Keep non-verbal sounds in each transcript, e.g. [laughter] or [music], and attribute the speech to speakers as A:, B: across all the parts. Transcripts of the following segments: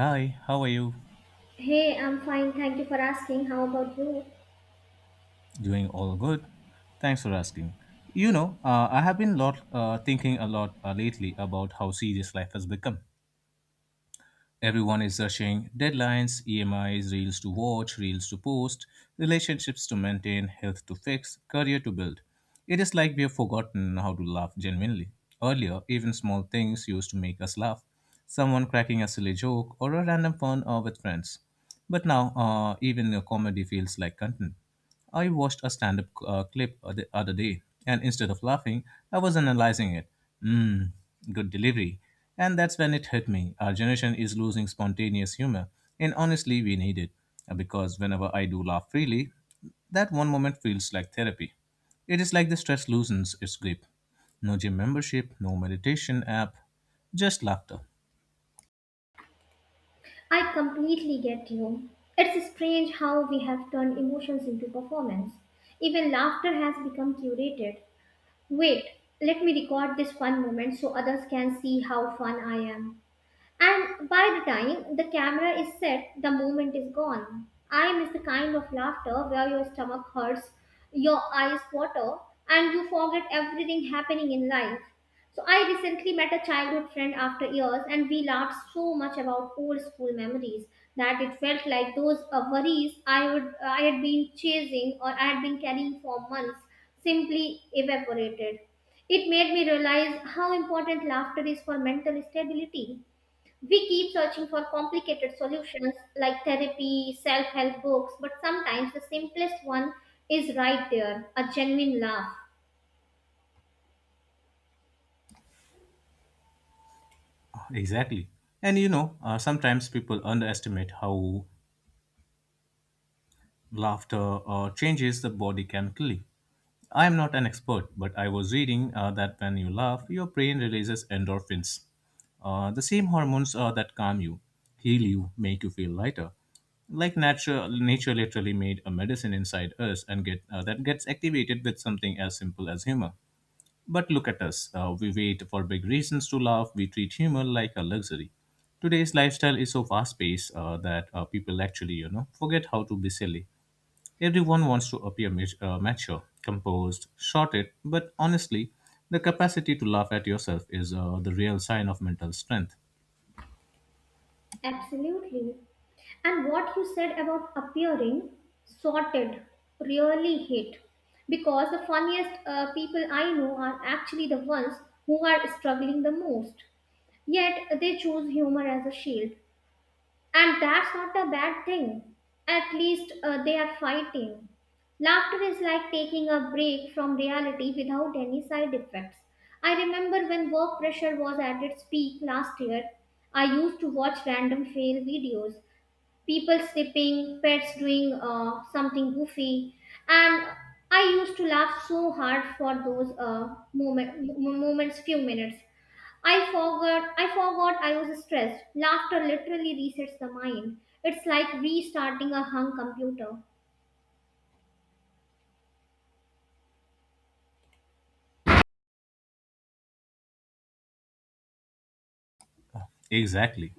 A: Hi, how are you?
B: Hey, I'm fine. Thank you for asking. How about you?
A: Doing all good? Thanks for asking. I have been lot thinking a lot lately about how serious life has become. Everyone is rushing deadlines, EMIs, reels to watch, reels to post, relationships to maintain, health to fix, career to build. It is like we have forgotten how to laugh genuinely. Earlier, even small things used to make us laugh. Someone cracking a silly joke or a random fun with friends. But now, even a comedy feels like content. I watched a stand up clip the other day, and instead of laughing, I was analyzing it. Mmm, good delivery. And that's when it hit me. Our generation is losing spontaneous humor, and honestly, we need it. Because whenever I do laugh freely, that one moment feels like therapy. It is like the stress loosens its grip. No gym membership, no meditation app, just laughter.
B: I completely get you. It's strange how we have turned emotions into performance. Even laughter has become curated. Wait, let me record this fun moment so others can see how fun I am. And by the time the camera is set, the moment is gone. I miss the kind of laughter where your stomach hurts, your eyes water, and you forget everything happening in life. So, I recently met a childhood friend after years, and we laughed so much about old school memories that it felt like those worries I, would, I had been chasing or I had been carrying for months simply evaporated. It made me realize how important laughter is for mental stability. We keep searching for complicated solutions like therapy, self help books, but sometimes the simplest one is right there, a genuine laugh.
A: Exactly. And sometimes people underestimate how laughter changes the body chemically. I am not an expert, but I was reading that when you laugh, your brain releases endorphins, the same hormones that calm you, heal you, make you feel lighter. Like nature literally made a medicine inside us, and get that gets activated with something as simple as humor. But look at us. We wait for big reasons to laugh. We treat humor like a luxury. Today's lifestyle is so fast-paced that people actually, you know, forget how to be silly. Everyone wants to appear mature, composed, sorted, but honestly, the capacity to laugh at yourself is the real sign of mental strength.
B: Absolutely. And what you said about appearing sorted really hit, because the funniest people I know are actually the ones who are struggling the most. Yet they choose humor as a shield. And that's not a bad thing. At least they are fighting. Laughter is like taking a break from reality without any side effects. I remember when work pressure was at its peak last year, I used to watch random fail videos, people sleeping, pets doing something goofy, and I used to laugh so hard for those moments, few minutes. I forgot. I forgot I was stressed. Laughter literally resets the mind. It's like restarting a hung computer.
A: Exactly.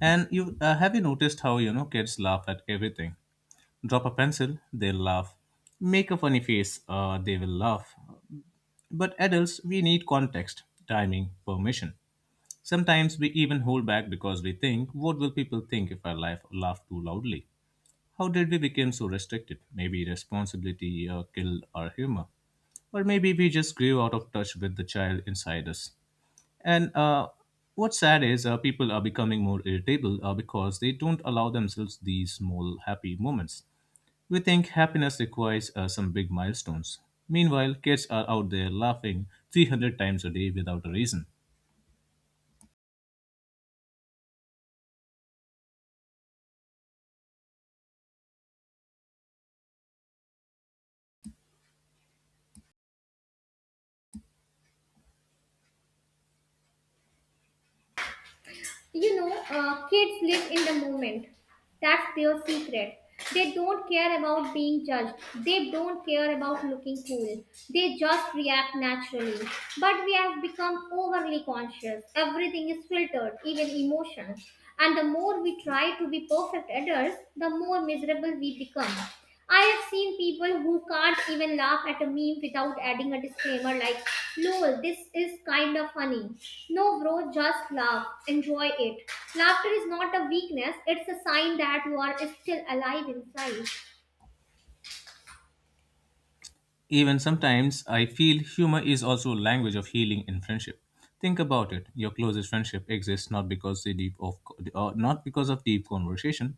A: And you have you noticed how you know kids laugh at everything? Drop a pencil, they laugh. Make a funny face, they will laugh. But adults, we need context, timing, permission. Sometimes we even hold back because we think, what will people think if I laugh too loudly? How did we become so restricted? Maybe responsibility killed our humor. Or maybe we just grew out of touch with the child inside us. And what's sad is people are becoming more irritable because they don't allow themselves these small happy moments. We think happiness requires some big milestones. Meanwhile, kids are out there laughing 300 times a day without a reason.
B: Kids live in the moment. That's their secret. They don't care about being judged. They don't care about looking cool. They just react naturally. But we have become overly conscious. Everything is filtered, even emotions. And the more we try to be perfect adults, the more miserable we become. I have seen people who can't even laugh at a meme without adding a disclaimer like, lol, this is kind of funny. No, bro, just laugh. Enjoy it. Laughter is not a weakness, it's a sign that you are still alive inside.
A: Even sometimes I feel humor is also a language of healing in friendship. Think about it. Your closest friendship exists not because they deep of not because of deep conversation,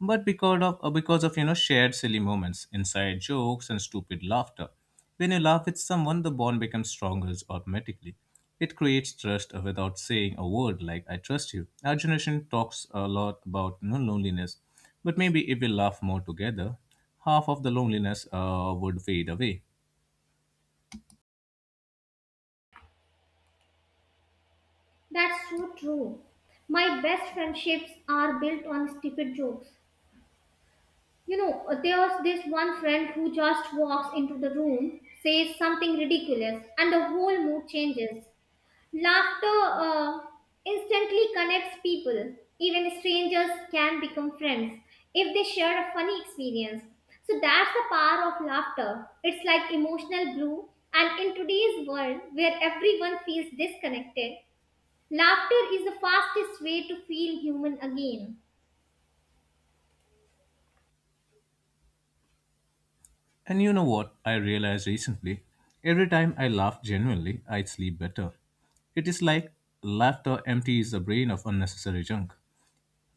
A: but because of you know shared silly moments, inside jokes and stupid laughter. When you laugh with someone, the bond becomes stronger automatically. It creates trust without saying a word like I trust you. Our generation talks a lot about you know, loneliness, but maybe if we laugh more together, half of the loneliness would fade away.
B: That's so true. My best friendships are built on stupid jokes. You know, there's this one friend who just walks into the room, says something ridiculous, and the whole mood changes. Laughter instantly connects people. Even strangers can become friends if they share a funny experience. So that's the power of laughter. It's like emotional glue. And in today's world where everyone feels disconnected, laughter is the fastest way to feel human again.
A: And you know what I realized recently? Every time I laugh genuinely, I sleep better. It is like laughter empties the brain of unnecessary junk.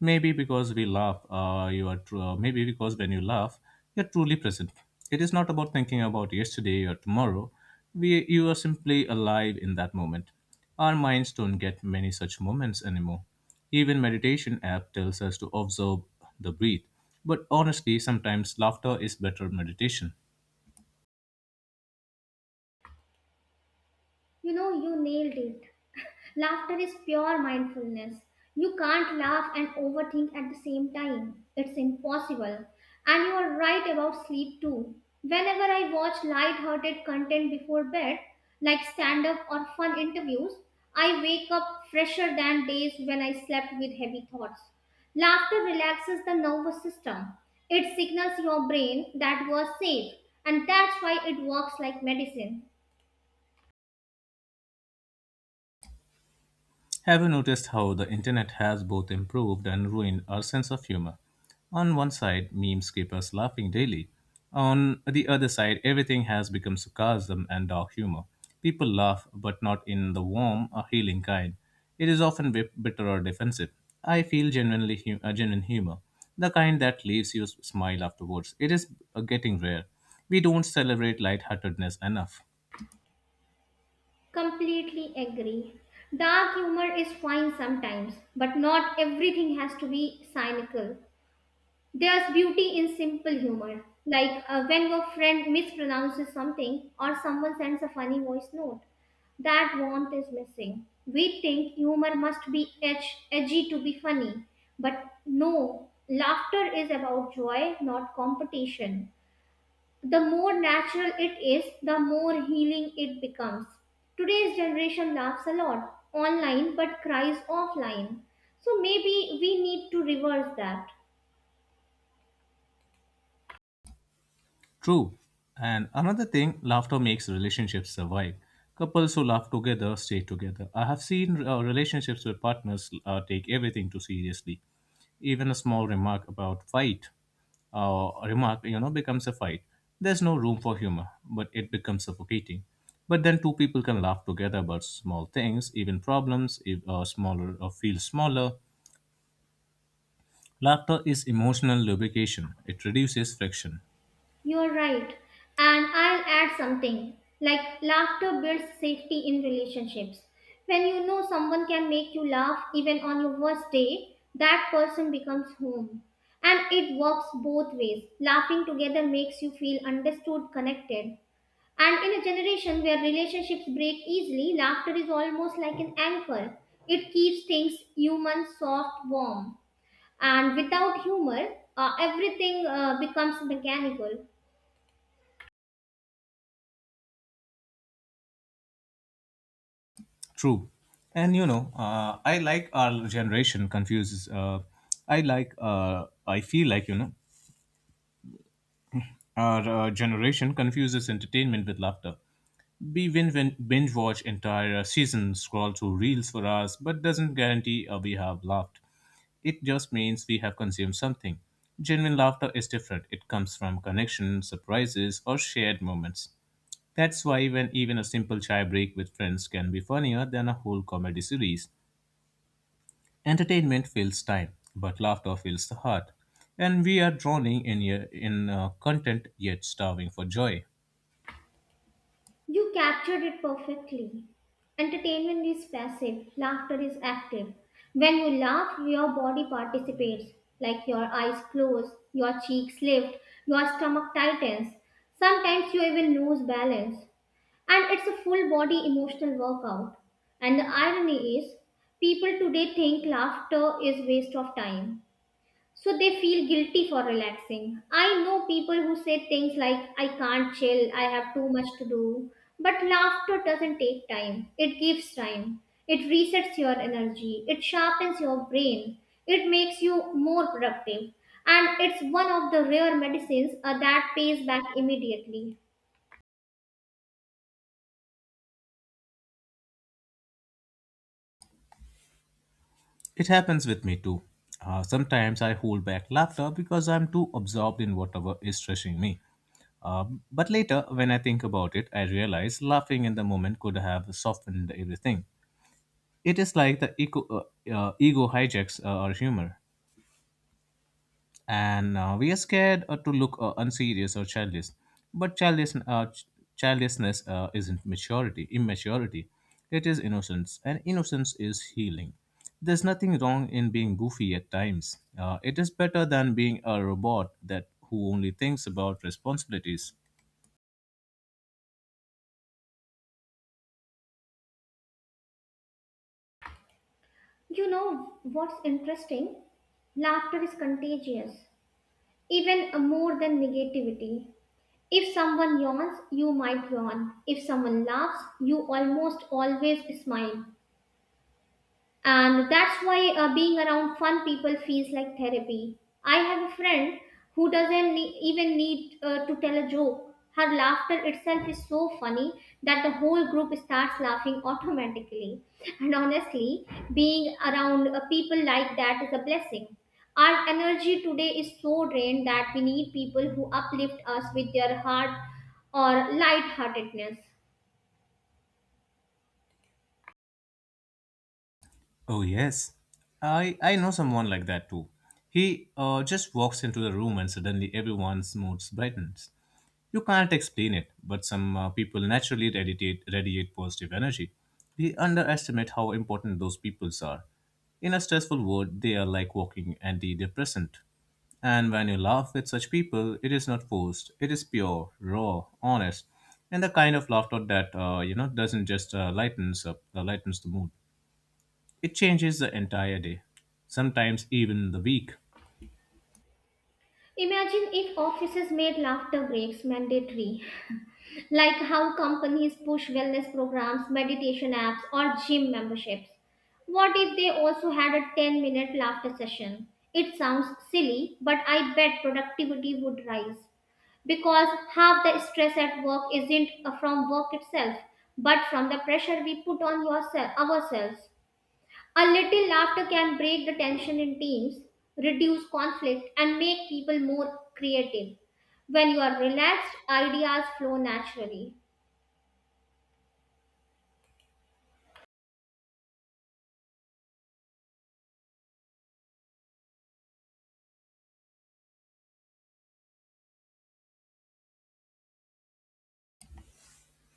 A: Maybe because we laugh, you are tru- maybe because when you laugh, you're truly present. It is not about thinking about yesterday or tomorrow. You are simply alive in that moment. Our minds don't get many such moments anymore. Even meditation app tells us to observe the breath. But honestly, sometimes laughter is better meditation.
B: You know, you nailed it. Laughter is pure mindfulness. You can't laugh and overthink at the same time. It's impossible. And you are right about sleep too. Whenever I watch light-hearted content before bed, like stand-up or fun interviews, I wake up fresher than days when I slept with heavy thoughts. Laughter relaxes the nervous system. It signals your brain that you are safe, and that's why it works like medicine.
A: Have you noticed how the internet has both improved and ruined our sense of humor? On one side, memes keep us laughing daily. On the other side, everything has become sarcasm and dark humor. People laugh, but not in the warm or healing kind. It is often bitter or defensive. I feel genuine humor, the kind that leaves you smile afterwards. It is getting rare. We don't celebrate lightheartedness enough.
B: Completely agree. Dark humor is fine sometimes, but not everything has to be cynical. There's beauty in simple humor, like when your friend mispronounces something or someone sends a funny voice note. That warmth is missing. We think humor must be edgy to be funny, but no, laughter is about joy, not competition. The more natural it is, the more healing it becomes. Today's generation laughs a lot online but cries offline. So maybe we need to reverse that.
A: True. And another thing, laughter makes relationships survive. Couples who laugh together stay together. I have seen relationships where partners take everything too seriously. Even a small remark about fight, you know, becomes a fight. There's no room for humor, but it becomes suffocating. But then two people can laugh together about small things, even problems, if smaller or feel smaller. Laughter is emotional lubrication. It reduces friction.
B: You're right. And I'll add something, like laughter builds safety in relationships. When you know someone can make you laugh even on your worst day, that person becomes home. And it works both ways. Laughing together makes you feel understood, connected, and in a generation where relationships break easily, laughter is almost like an anchor. It keeps things human, soft, warm. And without humor, everything becomes mechanical.
A: True. And you know, I like our generation confuses. I like, I feel like, you know, our generation confuses entertainment with laughter. We win binge watch entire seasons, scroll through reels for hours, but doesn't guarantee we have laughed. It just means we have consumed something. Genuine laughter is different. It comes from connection, surprises, or shared moments. That's why when even a simple chai break with friends can be funnier than a whole comedy series. Entertainment fills time, but laughter fills the heart. And we are drowning in content yet starving for joy.
B: You captured it perfectly. Entertainment is passive, laughter is active. When you laugh, your body participates, like your eyes close, your cheeks lift, your stomach tightens. Sometimes you even lose balance. And it's a full body emotional workout. And the irony is, people today think laughter is waste of time, so they feel guilty for relaxing. I know people who say things like, I can't chill, I have too much to do. But laughter doesn't take time, it gives time. It resets your energy, it sharpens your brain, it makes you more productive. And it's one of the rare medicines that pays back immediately.
A: It happens with me too. Sometimes I hold back laughter because I'm too absorbed in whatever is stressing me. Uh, but later, when I think about it, I realize laughing in the moment could have softened everything. It is like the ego hijacks our humor. And we are scared to look unserious or childish, but childishness isn't maturity immaturity. It is innocence and innocence is healing. There's nothing wrong in being goofy at times. It is better than being a robot that who only thinks about responsibilities.
B: You know what's interesting? Laughter is contagious, even more than negativity. If someone yawns, you might yawn. If someone laughs, you almost always smile. And that's why being around fun people feels like therapy. I have a friend who doesn't ne- even need to tell a joke. Her laughter itself is so funny that the whole group starts laughing automatically. And honestly, being around people like that is a blessing. Our energy today is so drained that we need people who uplift us with their heart or lightheartedness.
A: Oh yes, I know someone like that too. He just walks into the room and suddenly everyone's moods brightens. You can't explain it, but some people naturally radiate positive energy. We underestimate how important those peoples are. In a stressful world, they are like walking antidepressant. And when you laugh with such people, it is not forced. It is pure, raw, honest, and the kind of laughter that you know doesn't just lightens up, lightens the mood. It changes the entire day, sometimes even the week.
B: Imagine if offices made laughter breaks mandatory. [laughs] Like how companies push wellness programs, meditation apps, or gym memberships. What if they also had a 10-minute laughter session? It sounds silly, but I bet productivity would rise, because half the stress at work isn't from work itself, but from the pressure we put on ourselves. A little laughter can break the tension in teams, reduce conflict, and make people more creative. When you are relaxed, ideas flow naturally.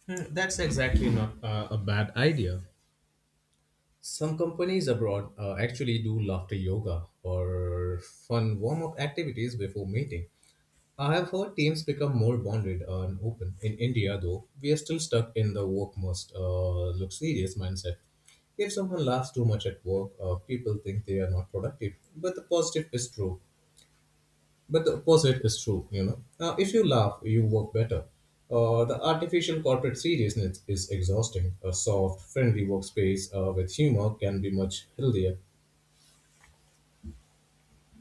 A: That's exactly not a bad idea. Some abroad actually do laughter yoga or fun warm up activities before meeting. I have heard teams become more bonded and open. In India, though, we are still stuck in the work must look serious mindset. If someone laughs too much at work, people think they are not productive. But the positive is true. But the opposite is true, you know. If you laugh, you work better. The artificial corporate seriousness is exhausting. A soft, friendly workspace with humor can be much healthier.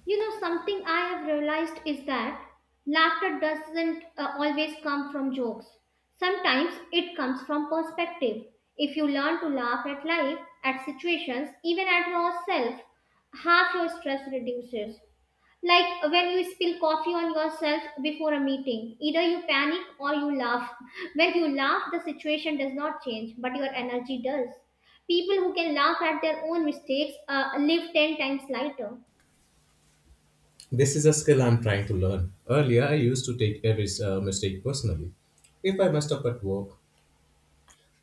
B: You know, something I have realized is that laughter doesn't always come from jokes. Sometimes it comes from perspective. If you learn to laugh at life, at situations, even at yourself, half your stress reduces. Like when you spill coffee on yourself before a meeting, either you panic or you laugh. [laughs] When you laugh, the situation does not change, but your energy does. People who can laugh at their own mistakes live 10 times lighter.
A: This is a skill I'm trying to learn. Earlier, I used to take every mistake personally. If I messed up at work,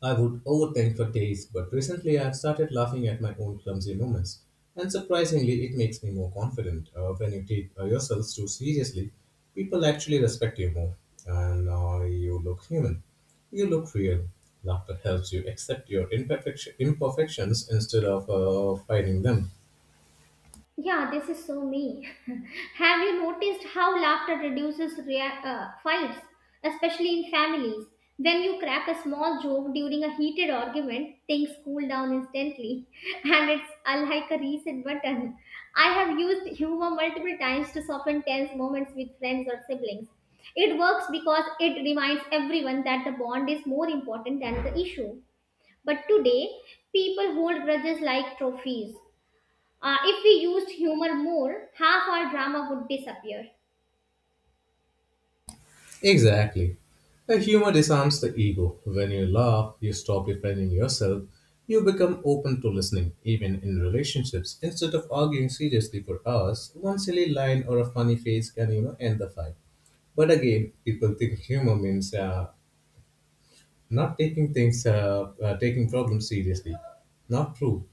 A: I would overthink for days, but recently I've started laughing at my own clumsy moments. And surprisingly, it makes me more confident. When you take yourselves too seriously, people actually respect you more. And you look human. You look real. Laughter helps you accept your imperfections instead of fighting them.
B: Yeah, this is so me. [laughs] Have you noticed how laughter reduces fights, especially in families? When you crack a small joke during a heated argument, things cool down instantly, [laughs] and it's like a reset button. I have used humor multiple times to soften tense moments with friends or siblings. It works because it reminds everyone that the bond is more important than the issue. But today, people hold grudges like trophies. If we used humor more, half our drama would disappear.
A: Exactly. Humor disarms the ego. When you laugh, you stop defending yourself. You become open to listening, even in relationships. Instead of arguing seriously for hours, one silly line or a funny face can you know end the fight. But again, people think humor means not taking things, taking problems seriously. Not true.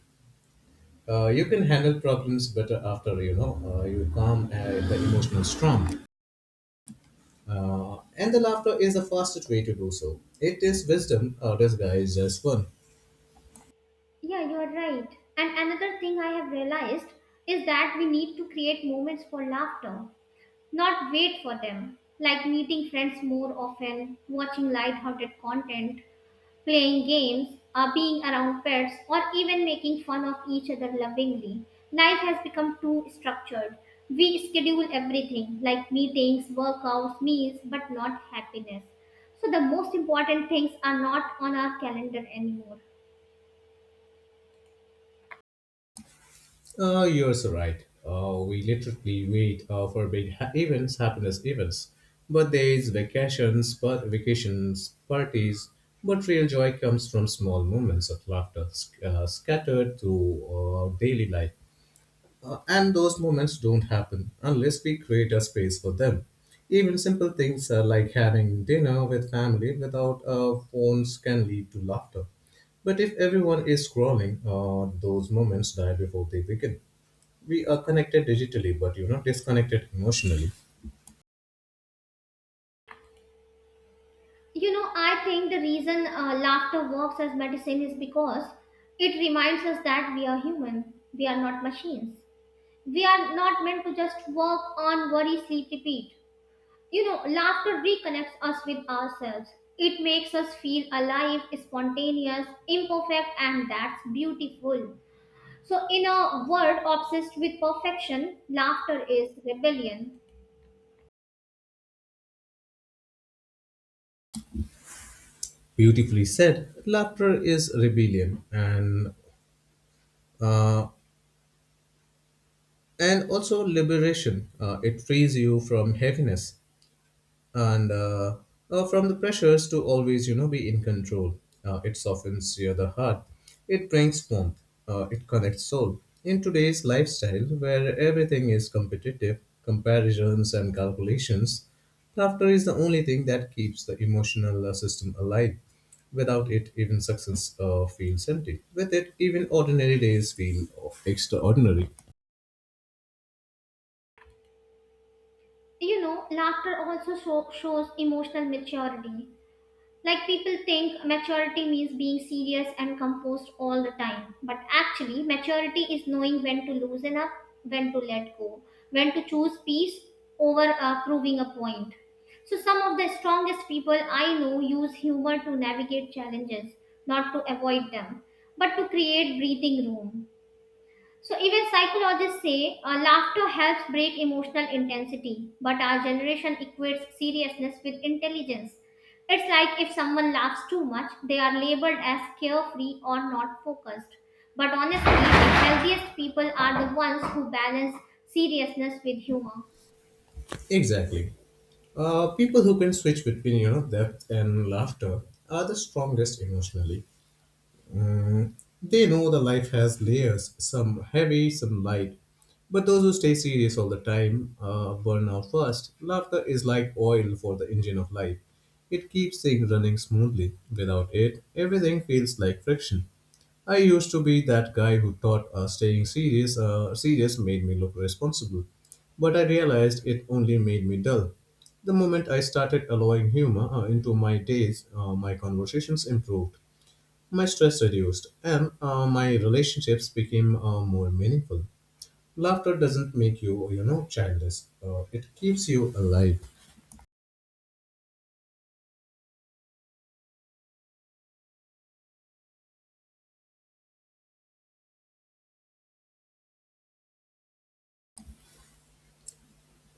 A: You can handle problems better after you know you calm the emotional storm. And the laughter is the fastest way to do so. It is wisdom disguised as fun.
B: Yeah, you're right. And another thing I have realized is that we need to create moments for laughter, not wait for them, like meeting friends more often, watching lighthearted content, playing games, being around pets, or even making fun of each other lovingly. Life has become too structured. We schedule everything like meetings, workouts, meals, but not happiness. So the most important things are not on our calendar anymore.
A: Oh, you're so right. Oh, we literally wait for events, happiness events, birthdays, vacations, but vacations, parties. But real joy comes from small moments of laughter scattered through daily life. And those moments don't happen unless we create a space for them. Even simple things like having dinner with family without phones can lead to laughter. But if everyone is scrolling, those moments die before they begin. We are connected digitally, but you know, disconnected emotionally.
B: You know, I think the reason laughter works as medicine is because it reminds us that we are human, we are not machines. We are not meant to just work on worry, sleep, repeat. You know, laughter reconnects us with ourselves. It makes us feel alive, spontaneous, imperfect, and that's beautiful. So, in a world obsessed with perfection, laughter is rebellion.
A: Beautifully said. Laughter is rebellion and also liberation. It frees you from heaviness. And from the pressures to always you know be in control. It softens your the heart. It brings warmth. It connects soul. In today's lifestyle where everything is competitive comparisons and calculations, laughter is the only thing that keeps the emotional system alive. Without it, even success feels empty. With it, even ordinary days feel extraordinary.
B: You know, laughter also shows emotional maturity. Like people think maturity means being serious and composed all the time, but actually, maturity is knowing when to loosen up, when to let go, when to choose peace over proving a point. So, some of the strongest people I know use humor to navigate challenges, not to avoid them, but to create breathing room. So, even psychologists say laughter helps break emotional intensity, but our generation equates seriousness with intelligence. It's like if someone laughs too much, they are labeled as carefree or not focused. But honestly, the healthiest people are the ones who balance seriousness with humor.
A: Exactly. People who can switch between you know depth and laughter are the strongest emotionally. Mm, they know the life has layers, some heavy, some light. But those who stay serious all the time burn out first. Laughter is like oil for the engine of life. It keeps things running smoothly. Without it, everything feels like friction. I used to be that guy who thought staying serious, serious made me look responsible, but I realized it only made me dull. The moment I started allowing humor into my days, my conversations improved, my stress reduced, and my relationships became more meaningful. Laughter doesn't make you childish. It keeps you alive.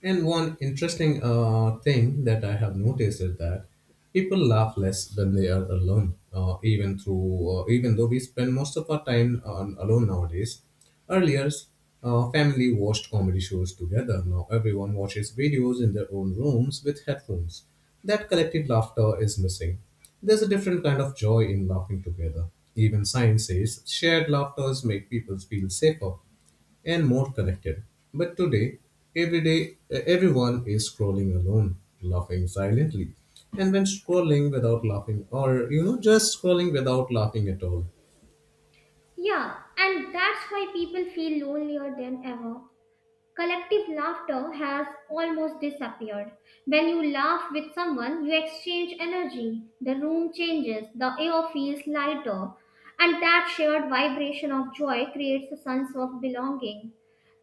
A: And one interesting thing that I have noticed is that people laugh less when they are alone, even though we spend most of our time on alone nowadays. Earlier, family watched comedy shows together. Now everyone watches videos in their own rooms with headphones. That collective laughter is missing. There's a different kind of joy in laughing together. Even science says shared laughters make people feel safer and more connected. But today, every day, everyone is scrolling alone, laughing silently. And when scrolling without laughing, or just scrolling without laughing at all.
B: Yeah, and that's why people feel lonelier than ever. Collective laughter has almost disappeared. When you laugh with someone, you exchange energy, the room changes, the air feels lighter, and that shared vibration of joy creates a sense of belonging.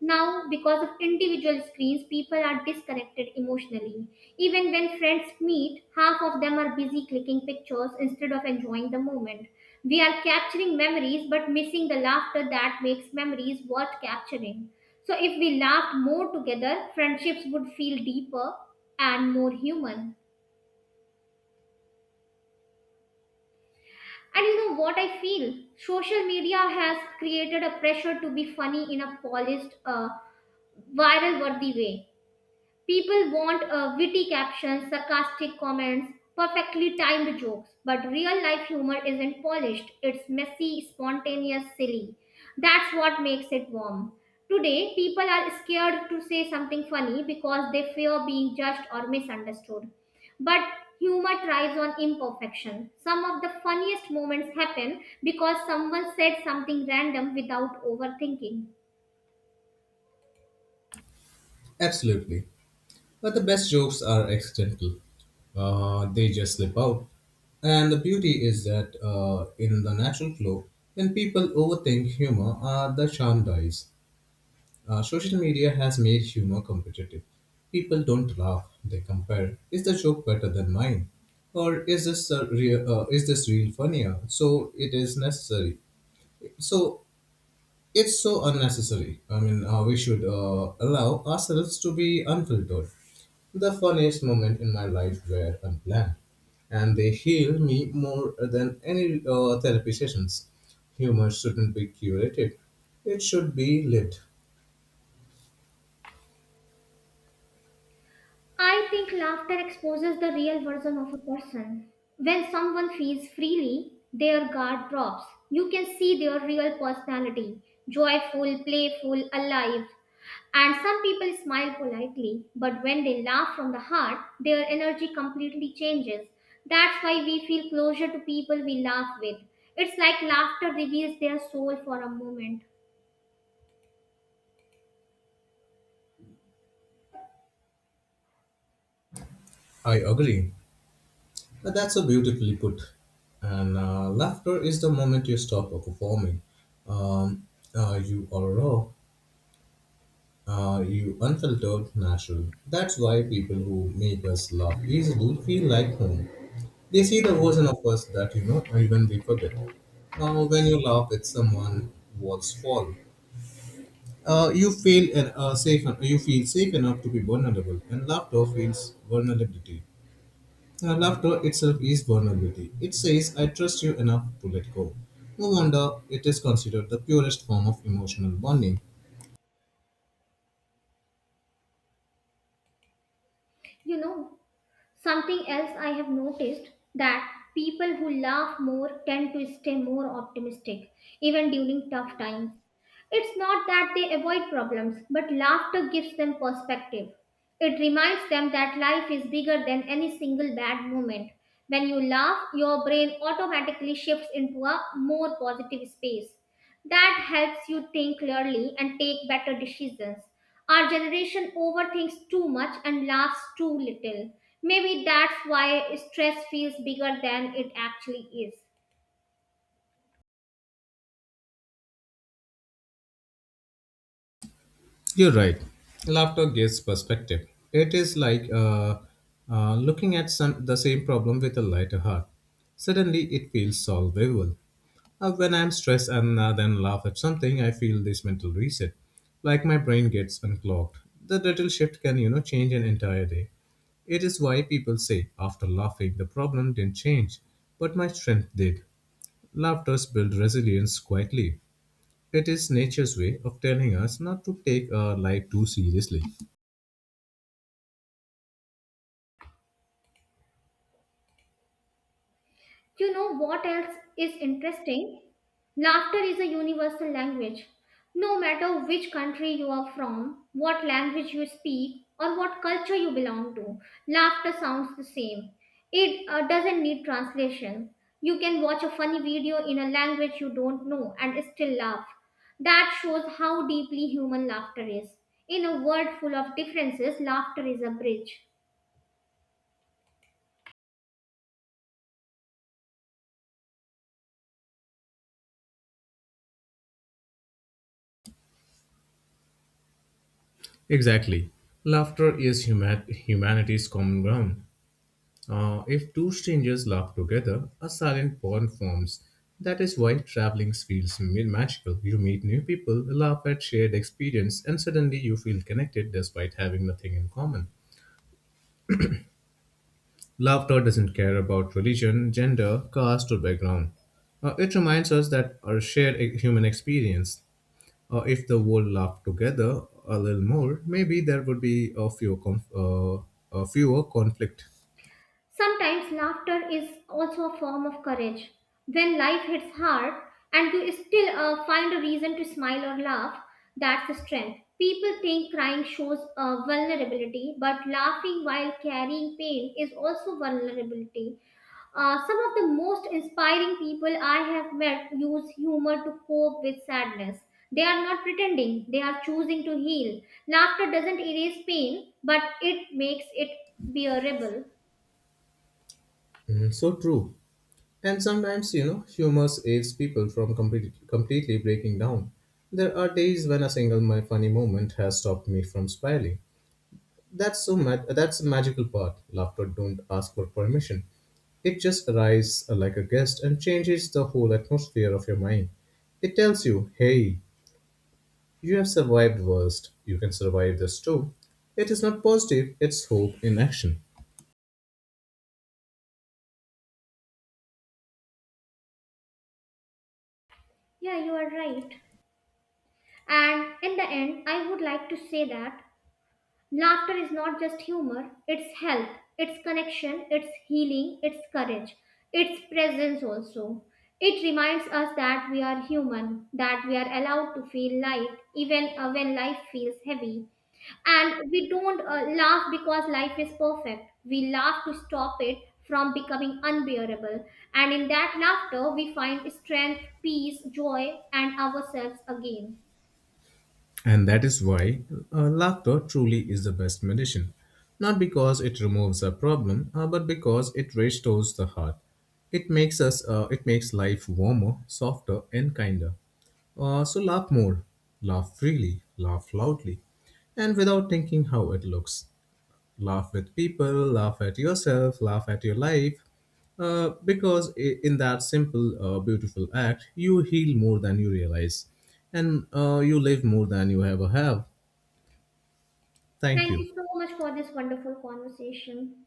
B: Now, because of individual screens, people are disconnected emotionally. Even when friends meet, half of them are busy clicking pictures instead of enjoying the moment. We are capturing memories but missing the laughter that makes memories worth capturing. So, if we laughed more together, friendships would feel deeper and more human. And you know what I feel? Social media has created a pressure to be funny in a polished, viral worthy way. People want witty captions, sarcastic comments, perfectly timed jokes, but real life humor isn't polished. It's messy, spontaneous, silly. That's what makes it warm. Today, people are scared to say something funny because they fear being judged or misunderstood. But humor thrives on imperfection. Some of the funniest moments happen because someone said something random without overthinking.
A: Absolutely. But the best jokes are accidental, they just slip out. And the beauty is that in the natural flow, when people overthink humor, the charm dies. Social media has made humor competitive. People don't laugh; they compare. Is the joke better than mine, or is this a real? Is this real funnier? So it is necessary. So it's so unnecessary. I mean, we should allow ourselves to be unfiltered. The funniest moment in my life were unplanned, and they heal me more than any therapy sessions. Humor shouldn't be curated; it should be lived.
B: I think laughter exposes the real version of a person. When someone feels freely, their guard drops. You can see their real personality, joyful, playful, alive. And some people smile politely, but when they laugh from the heart, their energy completely changes. That's why we feel closer to people we laugh with. It's like laughter reveals their soul for a moment.
A: I agree. But that's so beautifully put. And laughter is the moment you stop performing. Um, you are raw, you unfiltered, natural. That's why people who make us laugh easily feel like home. They see the version of us that even we forget. When you laugh at someone, walls fall. You feel safe. You feel safe enough to be vulnerable, and laughter feels vulnerability. And laughter itself is vulnerability. It says, I trust you enough to let go. No wonder it is considered the purest form of emotional bonding.
B: You know, something else I have noticed, that people who laugh more tend to stay more optimistic, even during tough times. It's not that they avoid problems, but laughter gives them perspective. It reminds them that life is bigger than any single bad moment. When you laugh, your brain automatically shifts into a more positive space. That helps you think clearly and take better decisions. Our generation overthinks too much and laughs too little. Maybe that's why stress feels bigger than it actually is.
A: You're right. Laughter gives perspective. It is like looking at some, the same problem with a lighter heart. Suddenly, it feels solvable. When I'm stressed and then laugh at something, I feel this mental reset, like my brain gets unclogged. The little shift can change an entire day. It is why people say, after laughing, the problem didn't change, but my strength did. Laughter builds resilience quietly. It is nature's way of telling us not to take our life too seriously.
B: You know what else is interesting? Laughter is a universal language. No matter which country you are from, what language you speak, or what culture you belong to, laughter sounds the same. It doesn't need translation. You can watch a funny video in a language you don't know and still laugh. That shows how deeply human laughter is. In a world full of differences, laughter is a bridge.
A: Exactly. Laughter is humanity's common ground. If two strangers laugh together, a silent bond forms. That is why traveling feels magical. You meet new people, laugh at shared experience, and suddenly you feel connected despite having nothing in common. Laughter doesn't care about religion, gender, caste, or background. It reminds us that our shared human experience. If the world laughed together a little more, maybe there would be a fewer conflict.
B: Sometimes laughter is also a form of courage. When life hits hard and you still find a reason to smile or laugh, that's the strength. People think crying shows vulnerability, but laughing while carrying pain is also vulnerability. Some of the most inspiring people I have met use humor to cope with sadness. They are not pretending, they are choosing to heal. Laughter doesn't erase pain, but it makes it bearable.
A: Mm, so true. And sometimes, humor saves people from completely breaking down. There are days when a single my funny moment has stopped me from spiraling. That's that's the magical part. Laughter don't ask for permission. It just arrives like a guest and changes the whole atmosphere of your mind. It tells you, hey, you have survived worst. You can survive this too. It is not positive, it's hope in action.
B: Yeah, you are right. And in the end, I would like to say that laughter is not just humor, it's health, it's connection, it's healing, it's courage, it's presence also. It reminds us that we are human, that we are allowed to feel light even when life feels heavy. And we don't laugh because life is perfect, we laugh to stop it from becoming unbearable. And in that laughter we find strength, peace, joy, and ourselves again.
A: And that is why laughter truly is the best medicine. Not because it removes a problem, but because it restores the heart. It makes life warmer, softer, and kinder. So laugh more, laugh freely, laugh loudly, and without thinking how it looks. Laugh with people, laugh at yourself, laugh at your life. Because in that simple, beautiful act, you heal more than you realize, and you live more than you ever have. Thank
B: Thank
A: you.
B: you so much for this wonderful conversation.